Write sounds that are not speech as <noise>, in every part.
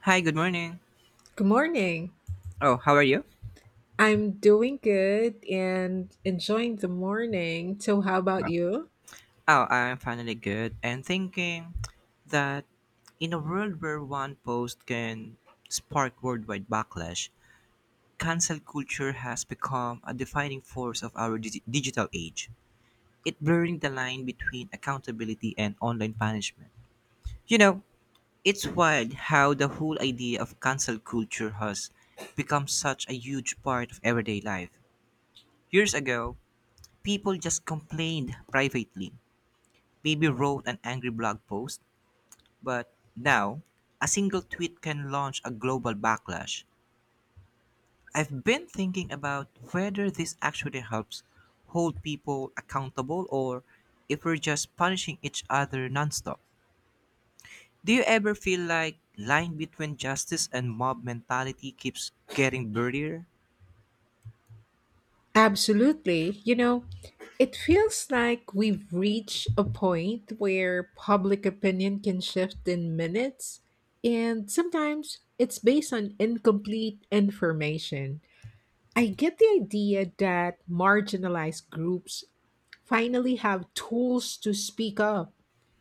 Hi, good morning. Good morning. Oh, how are you? I'm doing good and enjoying the morning. So, how about Yeah. you? Oh, I'm finally good and thinking that in a world where one post can spark worldwide backlash, cancel culture has become a defining force of our digital age. It blurring the line between accountability and online punishment. You know, it's wild how the whole idea of cancel culture has become such a huge part of everyday life. Years ago, people just complained privately maybe wrote an angry blog post, but now a single tweet can launch a global backlash. I've been thinking about whether this actually helps hold people accountable or if we're just punishing each other nonstop. Do you ever feel like line between justice and mob mentality keeps getting blurrier? Absolutely. You know, it feels like we've reached a point where public opinion can shift in minutes, and sometimes it's based on incomplete information. I get the idea that marginalized groups finally have tools to speak up,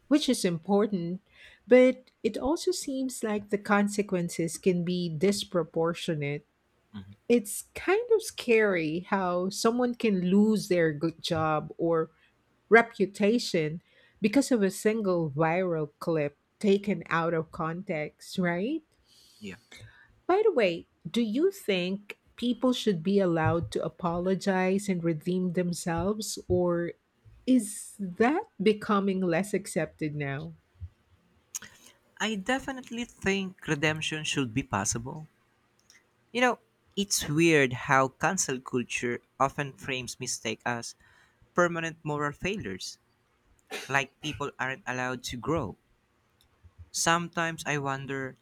which is important, but it also seems like the consequences can be disproportionate. It's kind of scary how someone can lose their good job or reputation because of a single viral clip taken out of context, right? Yeah. By the way, do you think people should be allowed to apologize and redeem themselves, or is that becoming less accepted now? I definitely think redemption should be possible, You know, it's weird how cancel culture often frames mistake as permanent moral failures, like people aren't allowed to grow. Sometimes I wonder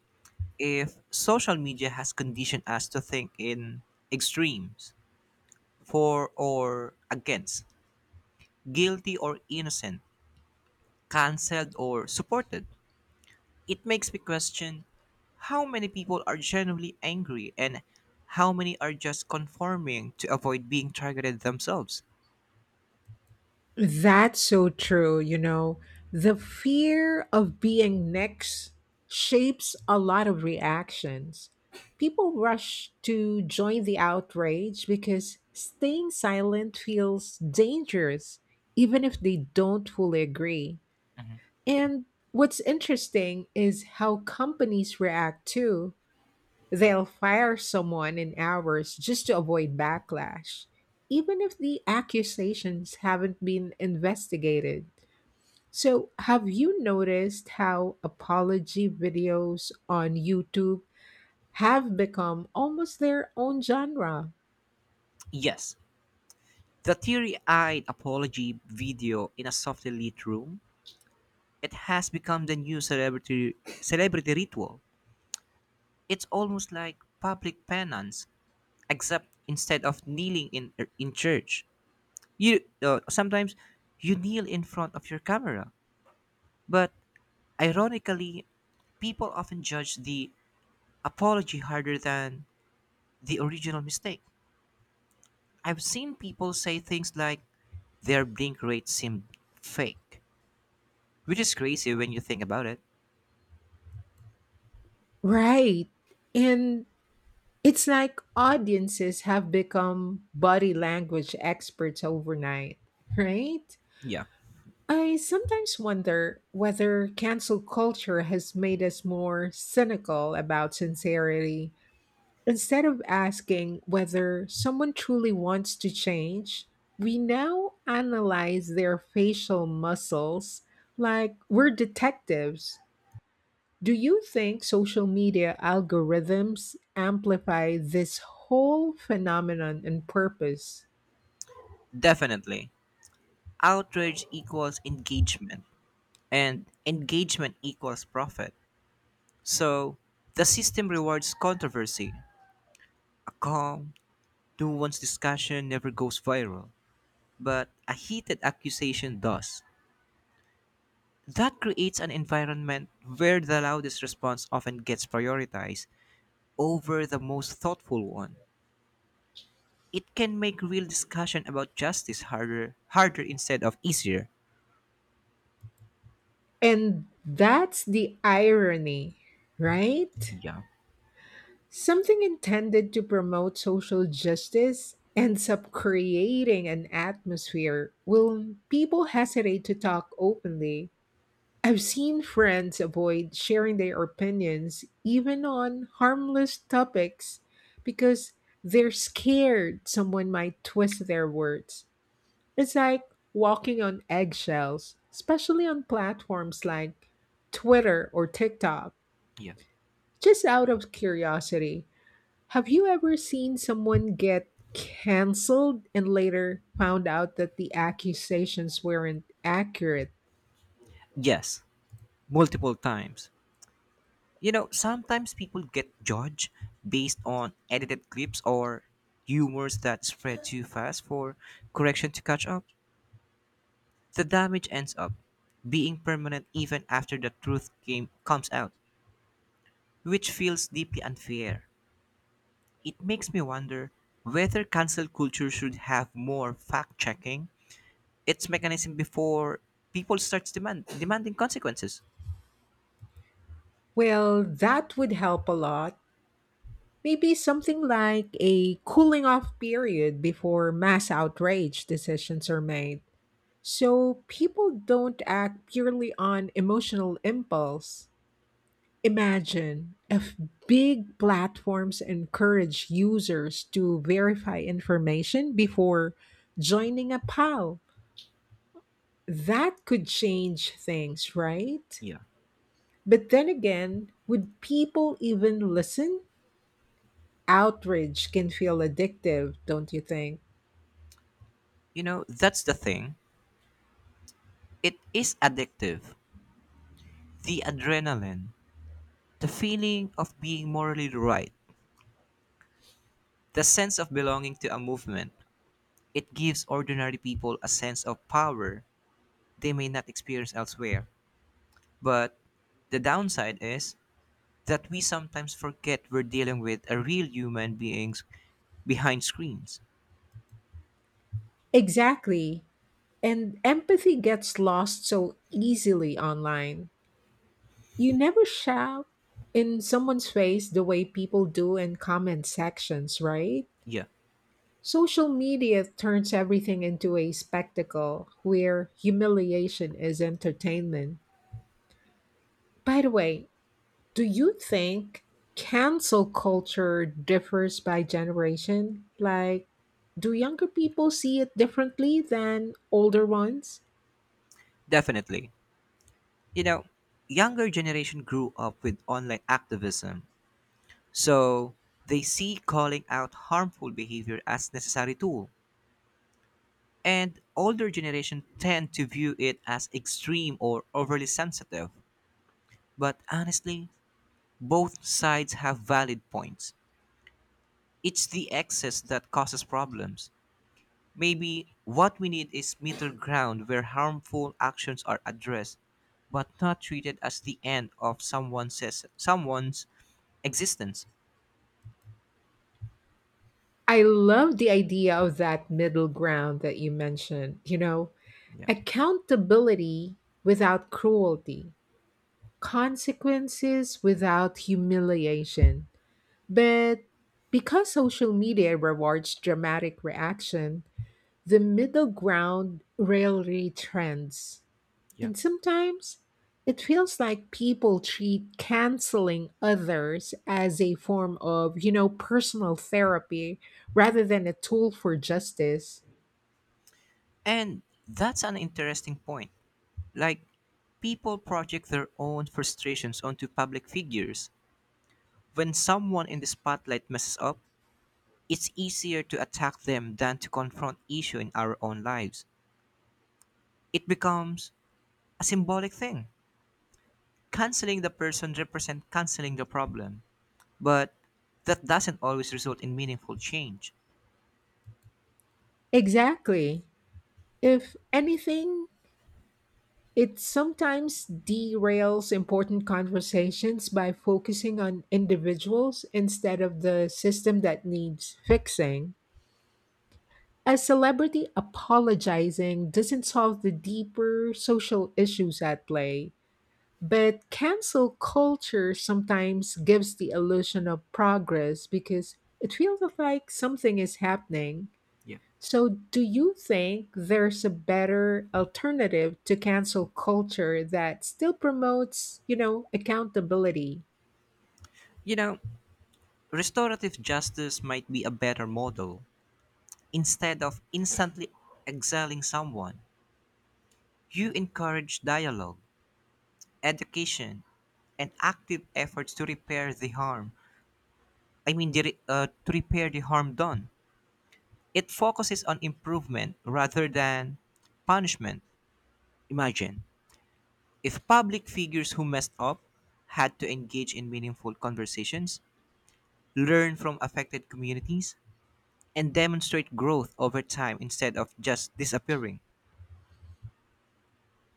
if social media has conditioned us to think in extremes, for or against, guilty or innocent, cancelled or supported. It makes me question how many people are genuinely angry and how many are just conforming to avoid being targeted themselves. That's so true, you know. The fear of being next shapes a lot of reactions. People rush to join the outrage because staying silent feels dangerous, even if they don't fully agree. And what's interesting is how companies react too. Yeah. They'll fire someone in hours just to avoid backlash, even if the accusations haven't been investigated. So, have you noticed how apology videos on YouTube have become almost their own genre? Yes, the teary-eyed apology video in a softly lit room. It has become the new celebrity ritual. It's almost like public penance, except instead of kneeling in church, you sometimes you kneel in front of your camera. But ironically, people often judge the apology harder than the original mistake. I've seen people say things like their blink rate seemed fake, which is crazy when you think about it. Right. And it's like audiences have become body language experts overnight, right? Yeah, I sometimes wonder whether cancel culture has made us more cynical about sincerity. Instead of asking whether someone truly wants to change, we now analyze their facial muscles like we're detectives. Do you think social media algorithms amplify this whole phenomenon and purpose? definitely. Outrage equals engagement, and engagement equals profit. So the system rewards controversy. A calm, nuanced discussion never goes viral, but a heated accusation does. That creates an environment where the loudest response often gets prioritized over the most thoughtful one. It can make real discussion about justice harder instead of easier. And that's the irony, right? Yeah. Something intended to promote social justice ends up creating an atmosphere where people hesitate to talk openly. I've seen friends avoid sharing their opinions, even on harmless topics, because they're scared someone might twist their words. It's like walking on eggshells, especially on platforms like Twitter or TikTok. Yeah. Just out of curiosity, have you ever seen someone get canceled and later found out that the accusations weren't accurate? Yes, multiple times. Sometimes people get judged based on edited clips or humors that spread too fast for correction to catch up. The damage ends up being permanent even after the truth comes out, which feels deeply unfair. It makes me wonder whether cancel culture should have more fact checking, its mechanism before people starts demanding consequences. Well, that would help a lot. Maybe something like a cooling off period before mass outrage decisions are made, so people don't act purely on emotional impulse. Imagine if big platforms encourage users to verify information before joining a pile. That could change things, right? Yeah. But then again, would people even listen? Outrage can feel addictive, don't you think? That's the thing. It is addictive. The adrenaline, the feeling of being morally right, the sense of belonging to a movement. It gives ordinary people a sense of power they may not experience elsewhere. But the downside is that we sometimes forget we're dealing with a real human beings behind screens. Exactly. And empathy gets lost so easily online. You never shout in someone's face the way people do in comment sections, right? Yeah, Social media turns everything into a spectacle where humiliation is entertainment. By the way, do you think cancel culture differs by generation? Like, do younger people see it differently than older ones? definitely. You know, Younger generation grew up with online activism. So they see calling out harmful behavior as necessary tool. And older generation tend to view it as extreme or overly sensitive. But honestly, both sides have valid points. It's the excess that causes problems. Maybe what we need is middle ground where harmful actions are addressed but not treated as the end of someone's existence. I love the idea of that middle ground that you mentioned, you know, Yeah. accountability without cruelty, consequences without humiliation. But because social media rewards dramatic reaction, the middle ground rarely trends. Yeah. And sometimes it feels like people treat canceling others as a form of, you know, personal therapy rather than a tool for justice. And that's an interesting point. Like, people project their own frustrations onto public figures. When someone in the spotlight messes up, it's easier to attack them than to confront issue in our own lives. It becomes a symbolic thing. Canceling the person represents canceling the problem. But that doesn't always result in meaningful change. Exactly. If anything, it sometimes derails important conversations by focusing on individuals instead of the system that needs fixing. A celebrity apologizing doesn't solve the deeper social issues at play. But cancel culture sometimes gives the illusion of progress because it feels like something is happening. Yeah. So, do you think there's a better alternative to cancel culture that still promotes, you know, accountability? You know, Restorative justice might be a better model. Instead of instantly exiling someone, you encourage dialogue education, and active efforts to repair the harm. I mean, to repair the harm done. It focuses on improvement rather than punishment. Imagine if public figures who messed up had to engage in meaningful conversations, learn from affected communities, and demonstrate growth over time instead of just disappearing.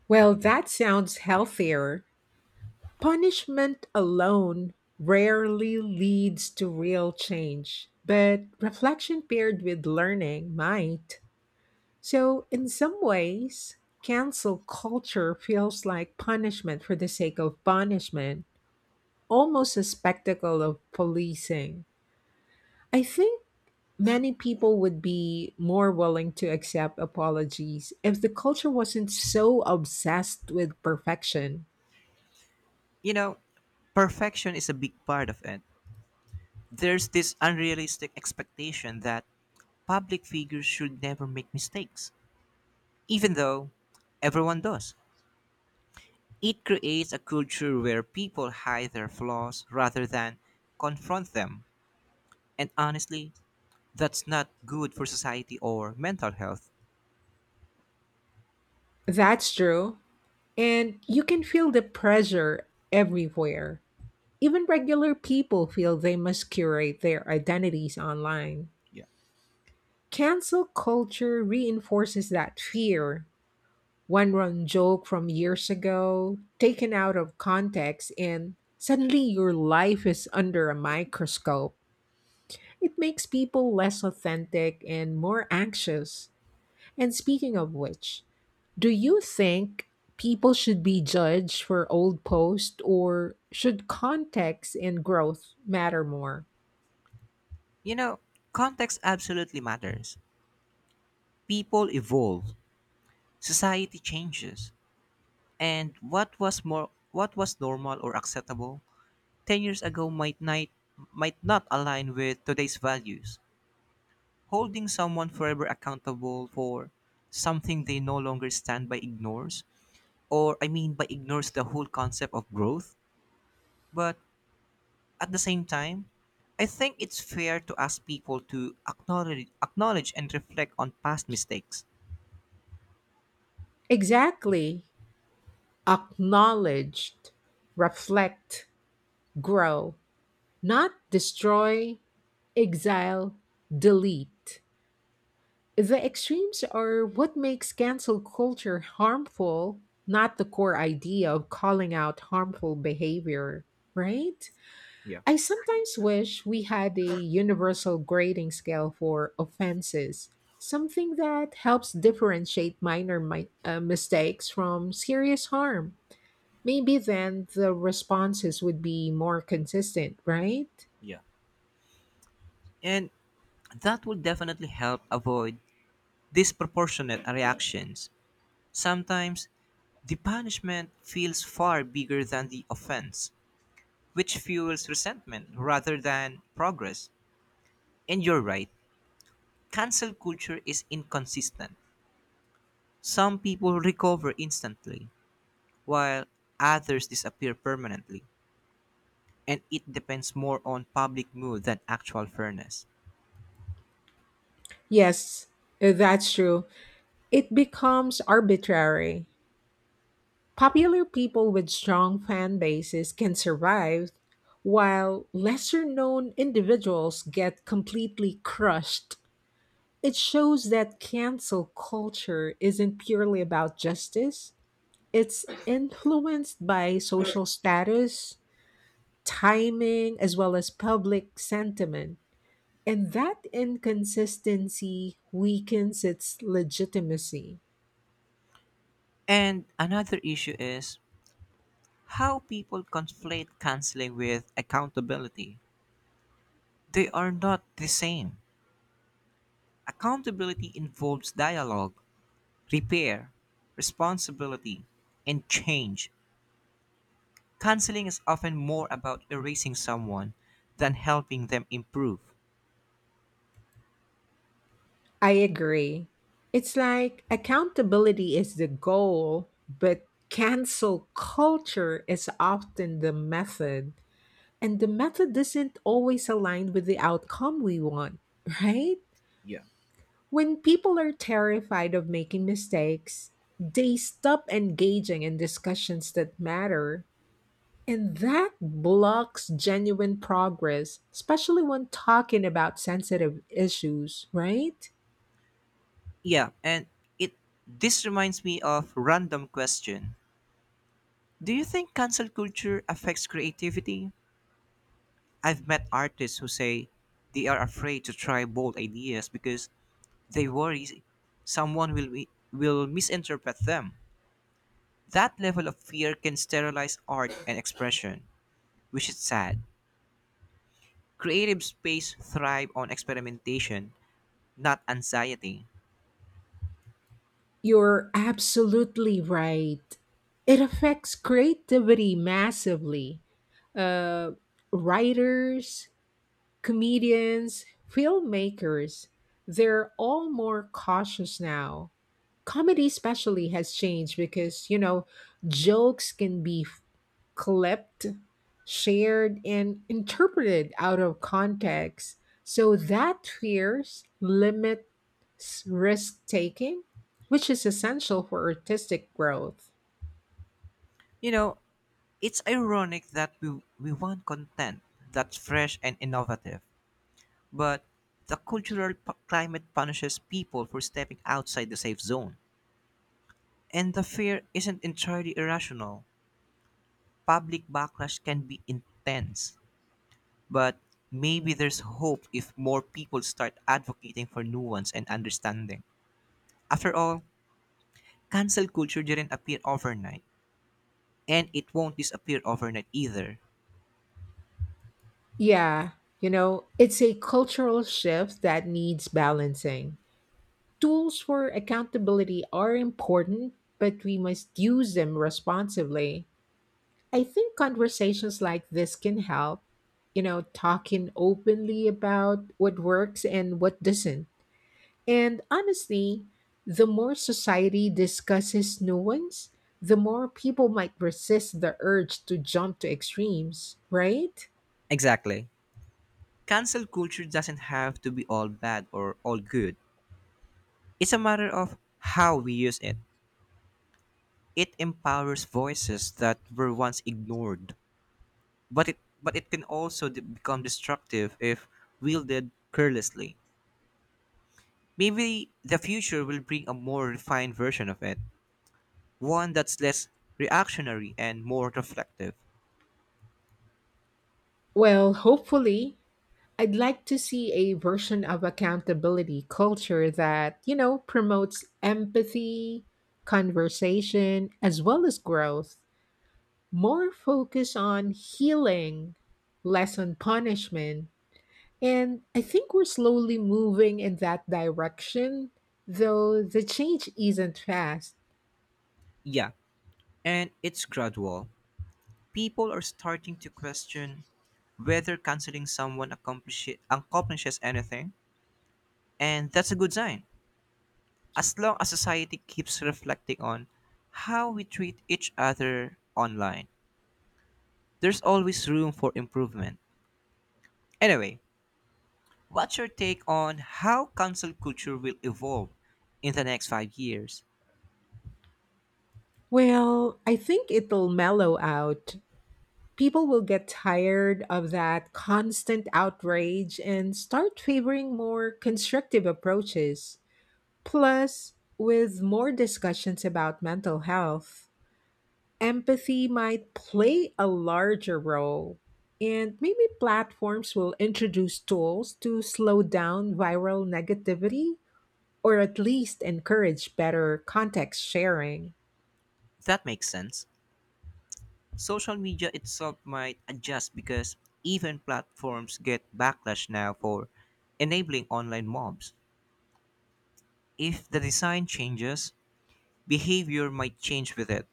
Well, that sounds healthier. Punishment alone rarely leads to real change, but reflection paired with learning might. So, in some ways, cancel culture feels like punishment for the sake of punishment, almost a spectacle of policing. I think many people would be more willing to accept apologies if the culture wasn't so obsessed with perfection. You know, Perfection is a big part of it. There's this unrealistic expectation that public figures should never make mistakes, even though everyone does. It creates a culture where people hide their flaws rather than confront them. And honestly, that's not good for society or mental health. That's true. And you can feel the pressure everywhere. Even regular people feel they must curate their identities online. Yeah. Cancel culture reinforces that fear. One wrong joke from years ago, taken out of context, and suddenly your life is under a microscope. It makes people less authentic and more anxious. And speaking of which, do you think people should be judged for old posts or should context and growth matter more? You know, Context absolutely matters. People evolve, society changes, and what was normal or acceptable 10 years ago might not align with today's values. Holding someone forever accountable for something they no longer stand by ignores, or I mean, by ignores the whole concept of growth. But at the same time, I think it's fair to ask people to acknowledge and reflect on past mistakes. Exactly. Acknowledged, reflect, grow, not destroy, exile, delete. The extremes are what makes cancel culture harmful, not the core idea of calling out harmful behavior, right? Yeah. I sometimes wish we had a universal grading scale for offenses, something that helps differentiate mistakes from serious harm. Maybe then the responses would be more consistent, right? Yeah. And that will definitely help avoid disproportionate reactions. Sometimes the punishment feels far bigger than the offense, which fuels resentment rather than progress. And you're right, cancel culture is inconsistent. Some people recover instantly, while others disappear permanently, and it depends more on public mood than actual fairness. Yes, that's true. It becomes arbitrary. Popular people with strong fan bases can survive, while lesser known individuals get completely crushed. It shows that cancel culture isn't purely about justice, it's influenced by social status, timing, as well as public sentiment. And that inconsistency weakens its legitimacy. And another issue is how people conflate canceling with accountability. They are not the same. Accountability involves dialogue, repair, responsibility, and change. Canceling is often more about erasing someone than helping them improve. I agree. It's like accountability is the goal, but cancel culture is often the method. And the method doesn't always align with the outcome we want, <laughs> right? When people are terrified of making mistakes, they stop engaging in discussions that matter. And that blocks genuine progress, especially when talking about sensitive issues, right? Yeah, and it this reminds me of random question. Do you think cancel culture affects creativity? I've met artists who say they are afraid to try bold ideas because they worry someone will misinterpret them. That level of fear can sterilize art and expression, which is sad. Creative space thrive on experimentation, not anxiety. You're absolutely right. It affects creativity massively. Uh, Writers, comedians, filmmakers, they're all more cautious now. Comedy, especially, has changed because, you know, jokes can be clipped, shared, and interpreted out of context. So that fears limits risk taking, which is essential for artistic growth. You know, it's ironic that we want content that's fresh and innovative, but the cultural climate punishes people for stepping outside the safe zone. And the fear isn't entirely irrational. Public backlash can be intense, but maybe there's hope if more people start advocating for nuance and understanding. After all, cancel culture didn't appear overnight, and it won't disappear overnight either. Yeah, you know, it's a cultural shift that needs balancing. Tools for accountability are important, but we must use them responsibly. I think conversations like this can help, you know, talking openly about what works and what doesn't. And honestly, the more society discusses nuance, the more people might resist the urge to jump to extremes, right? Exactly. Cancel culture doesn't have to be all bad or all good. It's a matter of how we use it. It empowers voices that were once ignored, but it can also become destructive if wielded carelessly. Maybe the future will bring a more refined version of it, one that's less reactionary and more reflective. Well, hopefully, I'd like to see a version of accountability culture that, you know, promotes empathy, conversation, as well as growth. More focus on healing, less on punishment. And I think we're slowly moving in that direction, though the change isn't fast. Yeah, and it's gradual. People are starting to question whether canceling someone accomplishes anything. And that's a good sign. As long as society keeps reflecting on how we treat each other online, there's always room for improvement. Anyway, what's your take on how cancel culture will evolve in the next 5 years? Well, I think it'll mellow out. People will get tired of that constant outrage and start favoring more constructive approaches. Plus, with more discussions about mental health, empathy might play a larger role. And maybe platforms will introduce tools to slow down viral negativity or at least encourage better context sharing. That makes sense, social media itself might adjust because even platforms get backlash now for enabling online mobs. If the design changes, behavior might change with it.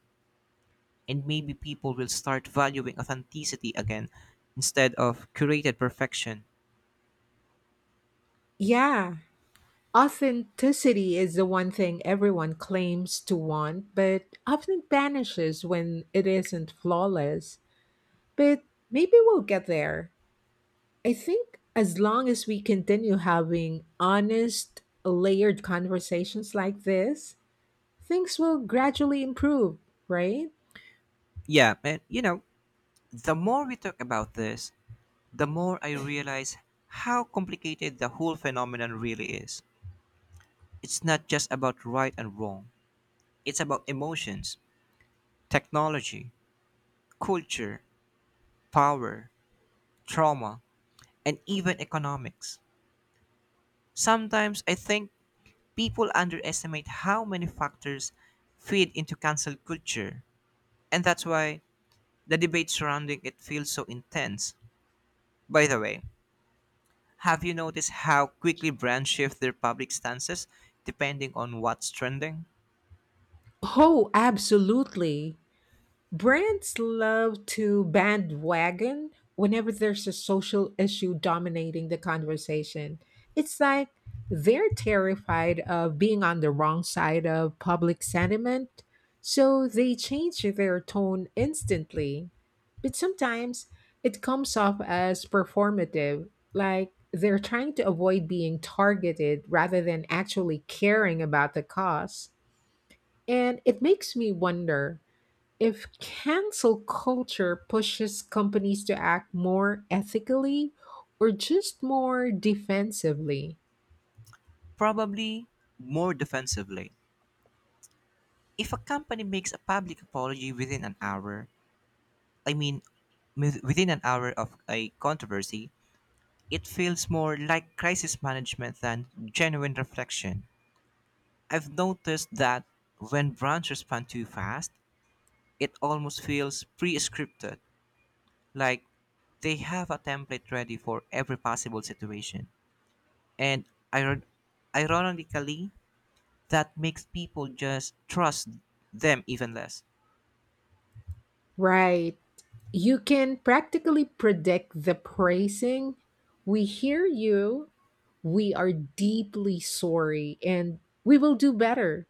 And maybe people will start valuing authenticity again instead of curated perfection. Yeah, authenticity is the one thing everyone claims to want, but often vanishes when it isn't flawless. But maybe we'll get there. I think as long as we continue having honest, layered conversations like this, things will gradually improve, right? Yeah, and the more we talk about this, the more I realize how complicated the whole phenomenon really is. It's not just about right and wrong, it's about emotions, technology, culture, power, trauma, and even economics. Sometimes I think people underestimate how many factors feed into cancel culture. And that's why the debate surrounding it feels so intense. By the way, have you noticed how quickly brands shift their public stances depending on what's trending? Oh, absolutely. Brands love to bandwagon whenever there's a social issue dominating the conversation. It's like they're terrified of being on the wrong side of public sentiment, so they change their tone instantly. But sometimes it comes off as performative, like they're trying to avoid being targeted rather than actually caring about the cause. And it makes me wonder if cancel culture pushes companies to act more ethically or just more defensively, Probably more defensively. If a company makes a public apology within an hour, I mean, within an hour of a controversy, it feels more like crisis management than genuine reflection. I've noticed that when brands respond too fast, it almost feels pre scripted. Like they have a template ready for every possible situation. And iron- ironically, that makes people just trust them even less. right? You can practically predict the praising. We hear you. We are deeply sorry and we will do better.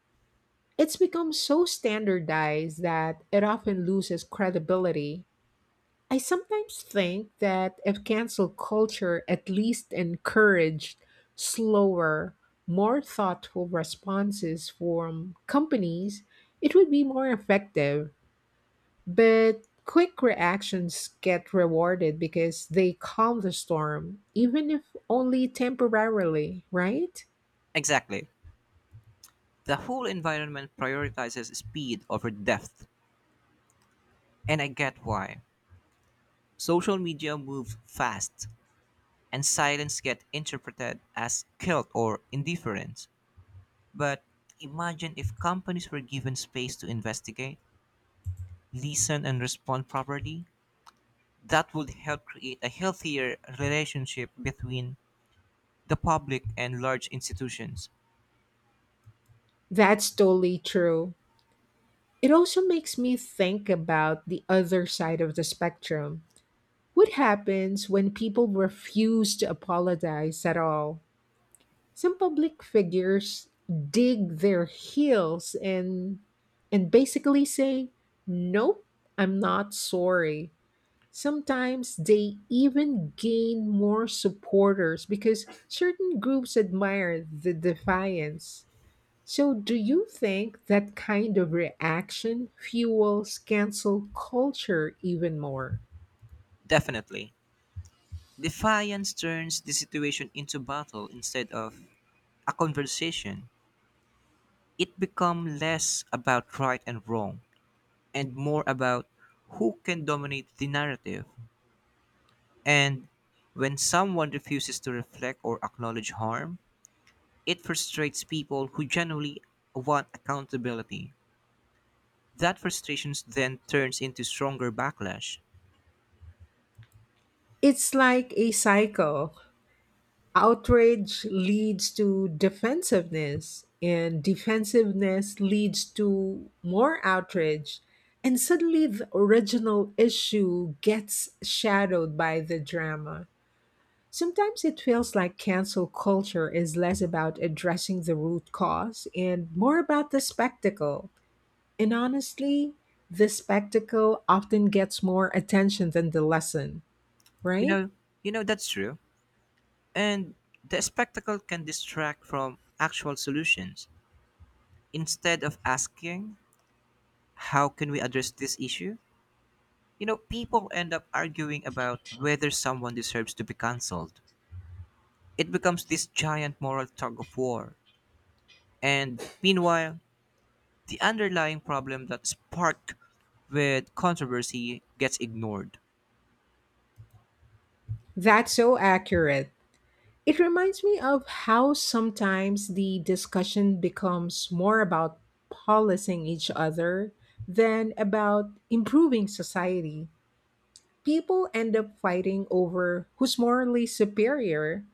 It's become so standardized that it often loses credibility. I sometimes think that if cancel culture at least encouraged slower, more thoughtful responses from companies, it would be more effective. But quick reactions get rewarded because they calm the storm, even if only temporarily, right? Exactly. The whole environment prioritizes speed over depth, and I get why. Social media moves fast, and silence gets interpreted as guilt or indifference. But imagine if companies were given space to investigate, listen, and respond properly. That would help create a healthier relationship between the public and large institutions. That's totally true. It also makes me think about the other side of the spectrum. What happens when people refuse to apologize at all? Some public figures dig their heels and basically say, "Nope, I'm not sorry." Sometimes they even gain more supporters because certain groups admire the defiance. So, do you think that kind of reaction fuels cancel culture even more? Definitely. Defiance turns the situation into battle instead of a conversation. It becomes less about right and wrong and more about who can dominate the narrative. And when someone refuses to reflect or acknowledge harm, it frustrates people who genuinely want accountability. That frustration then turns into stronger backlash. It's like a cycle. Outrage leads to defensiveness and defensiveness leads to more outrage, and suddenly the original issue gets shadowed by the drama. Sometimes it feels like cancel culture is less about addressing the root cause and more about the spectacle, and honestly, the spectacle often gets more attention than the lesson, You right? know, that's true. And the spectacle can distract from actual solutions. Instead of asking, how can we address this issue? People end up arguing about whether someone deserves to be cancelled. It becomes this giant moral tug of war. And meanwhile, the underlying problem that sparked with controversy gets ignored. That's so accurate. It reminds me of how sometimes the discussion becomes more about policing each other than about improving society. People end up fighting over who's morally superior.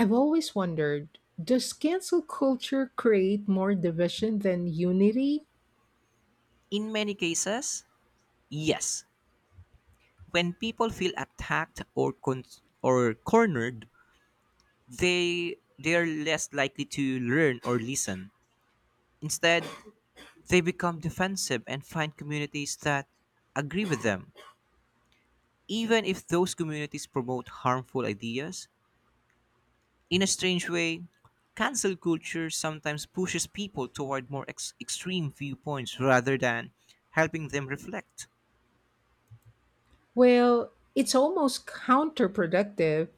I've always wondered, does cancel culture create more division than unity? In many cases, yes, when people feel attacked or cornered, they're less likely to learn or listen. Instead, they become defensive and find communities that agree with them, even if those communities promote harmful ideas. In a strange way, cancel culture sometimes pushes people toward more extreme viewpoints rather than helping them reflect. Well, it's almost counterproductive.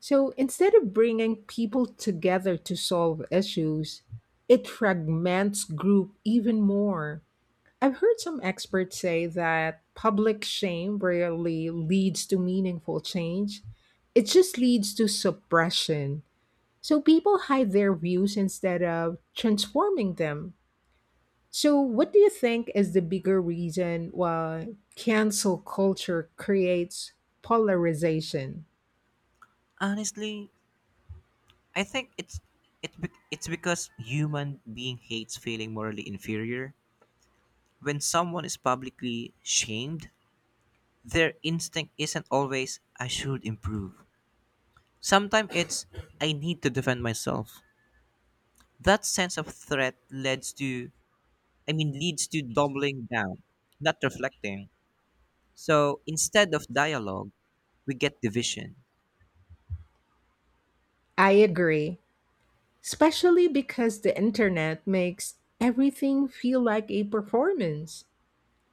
So instead of bringing people together to solve issues, it fragments group even more. I've heard some experts say that public shame rarely leads to meaningful change. It just leads to suppression. So people hide their views instead of transforming them. So what do you think is the bigger reason why cancel culture creates polarization? Honestly, I think it's because human being hates feeling morally inferior. When someone is publicly shamed, their instinct isn't always I should improve. Sometimes it's I need to defend myself. That sense of threat leads to, I mean, leads to doubling down, not reflecting. So instead of dialogue, we get division. I agree. Especially because the internet makes everything feel like a performance.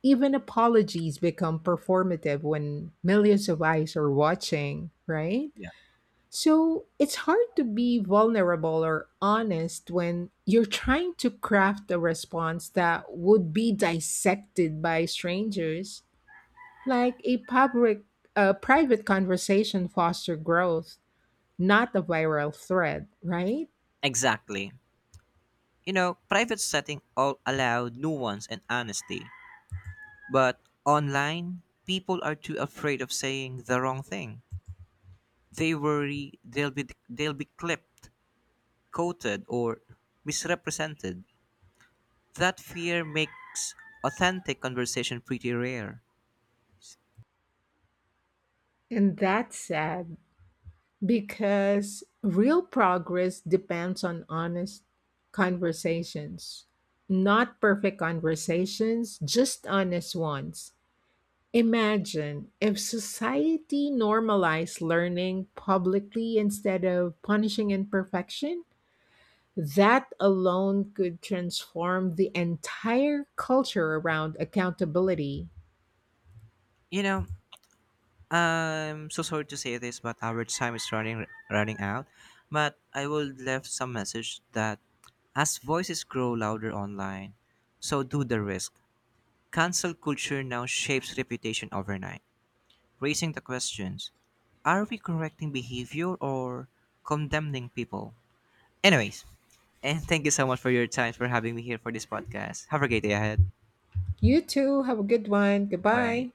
Even apologies become performative when millions of eyes are watching, right? Yeah. So it's hard to be vulnerable or honest when you're trying to craft a response that would be dissected by strangers. Like a public, a private conversation foster growth, not a viral thread, right? Exactly. Private setting all allow nuance and honesty. But online, people are too afraid of saying the wrong thing. They worry they'll be clipped, quoted, or misrepresented. That fear makes authentic conversation pretty rare. And that's sad. Because real progress depends on honest conversations. Not perfect conversations, just honest ones. Imagine if society normalized learning publicly instead of punishing imperfection. That alone could transform the entire culture around accountability. You know, I'm so sorry to say this, but our time is running out. But I will leave some message that as voices grow louder online, so do the risk. Cancel culture now shapes reputation overnight. Raising the questions are we correcting behavior or condemning people? Anyways, and thank you so much for your time for having me here for this podcast. Have a great day ahead. You too, have a good one. Bye. Goodbye.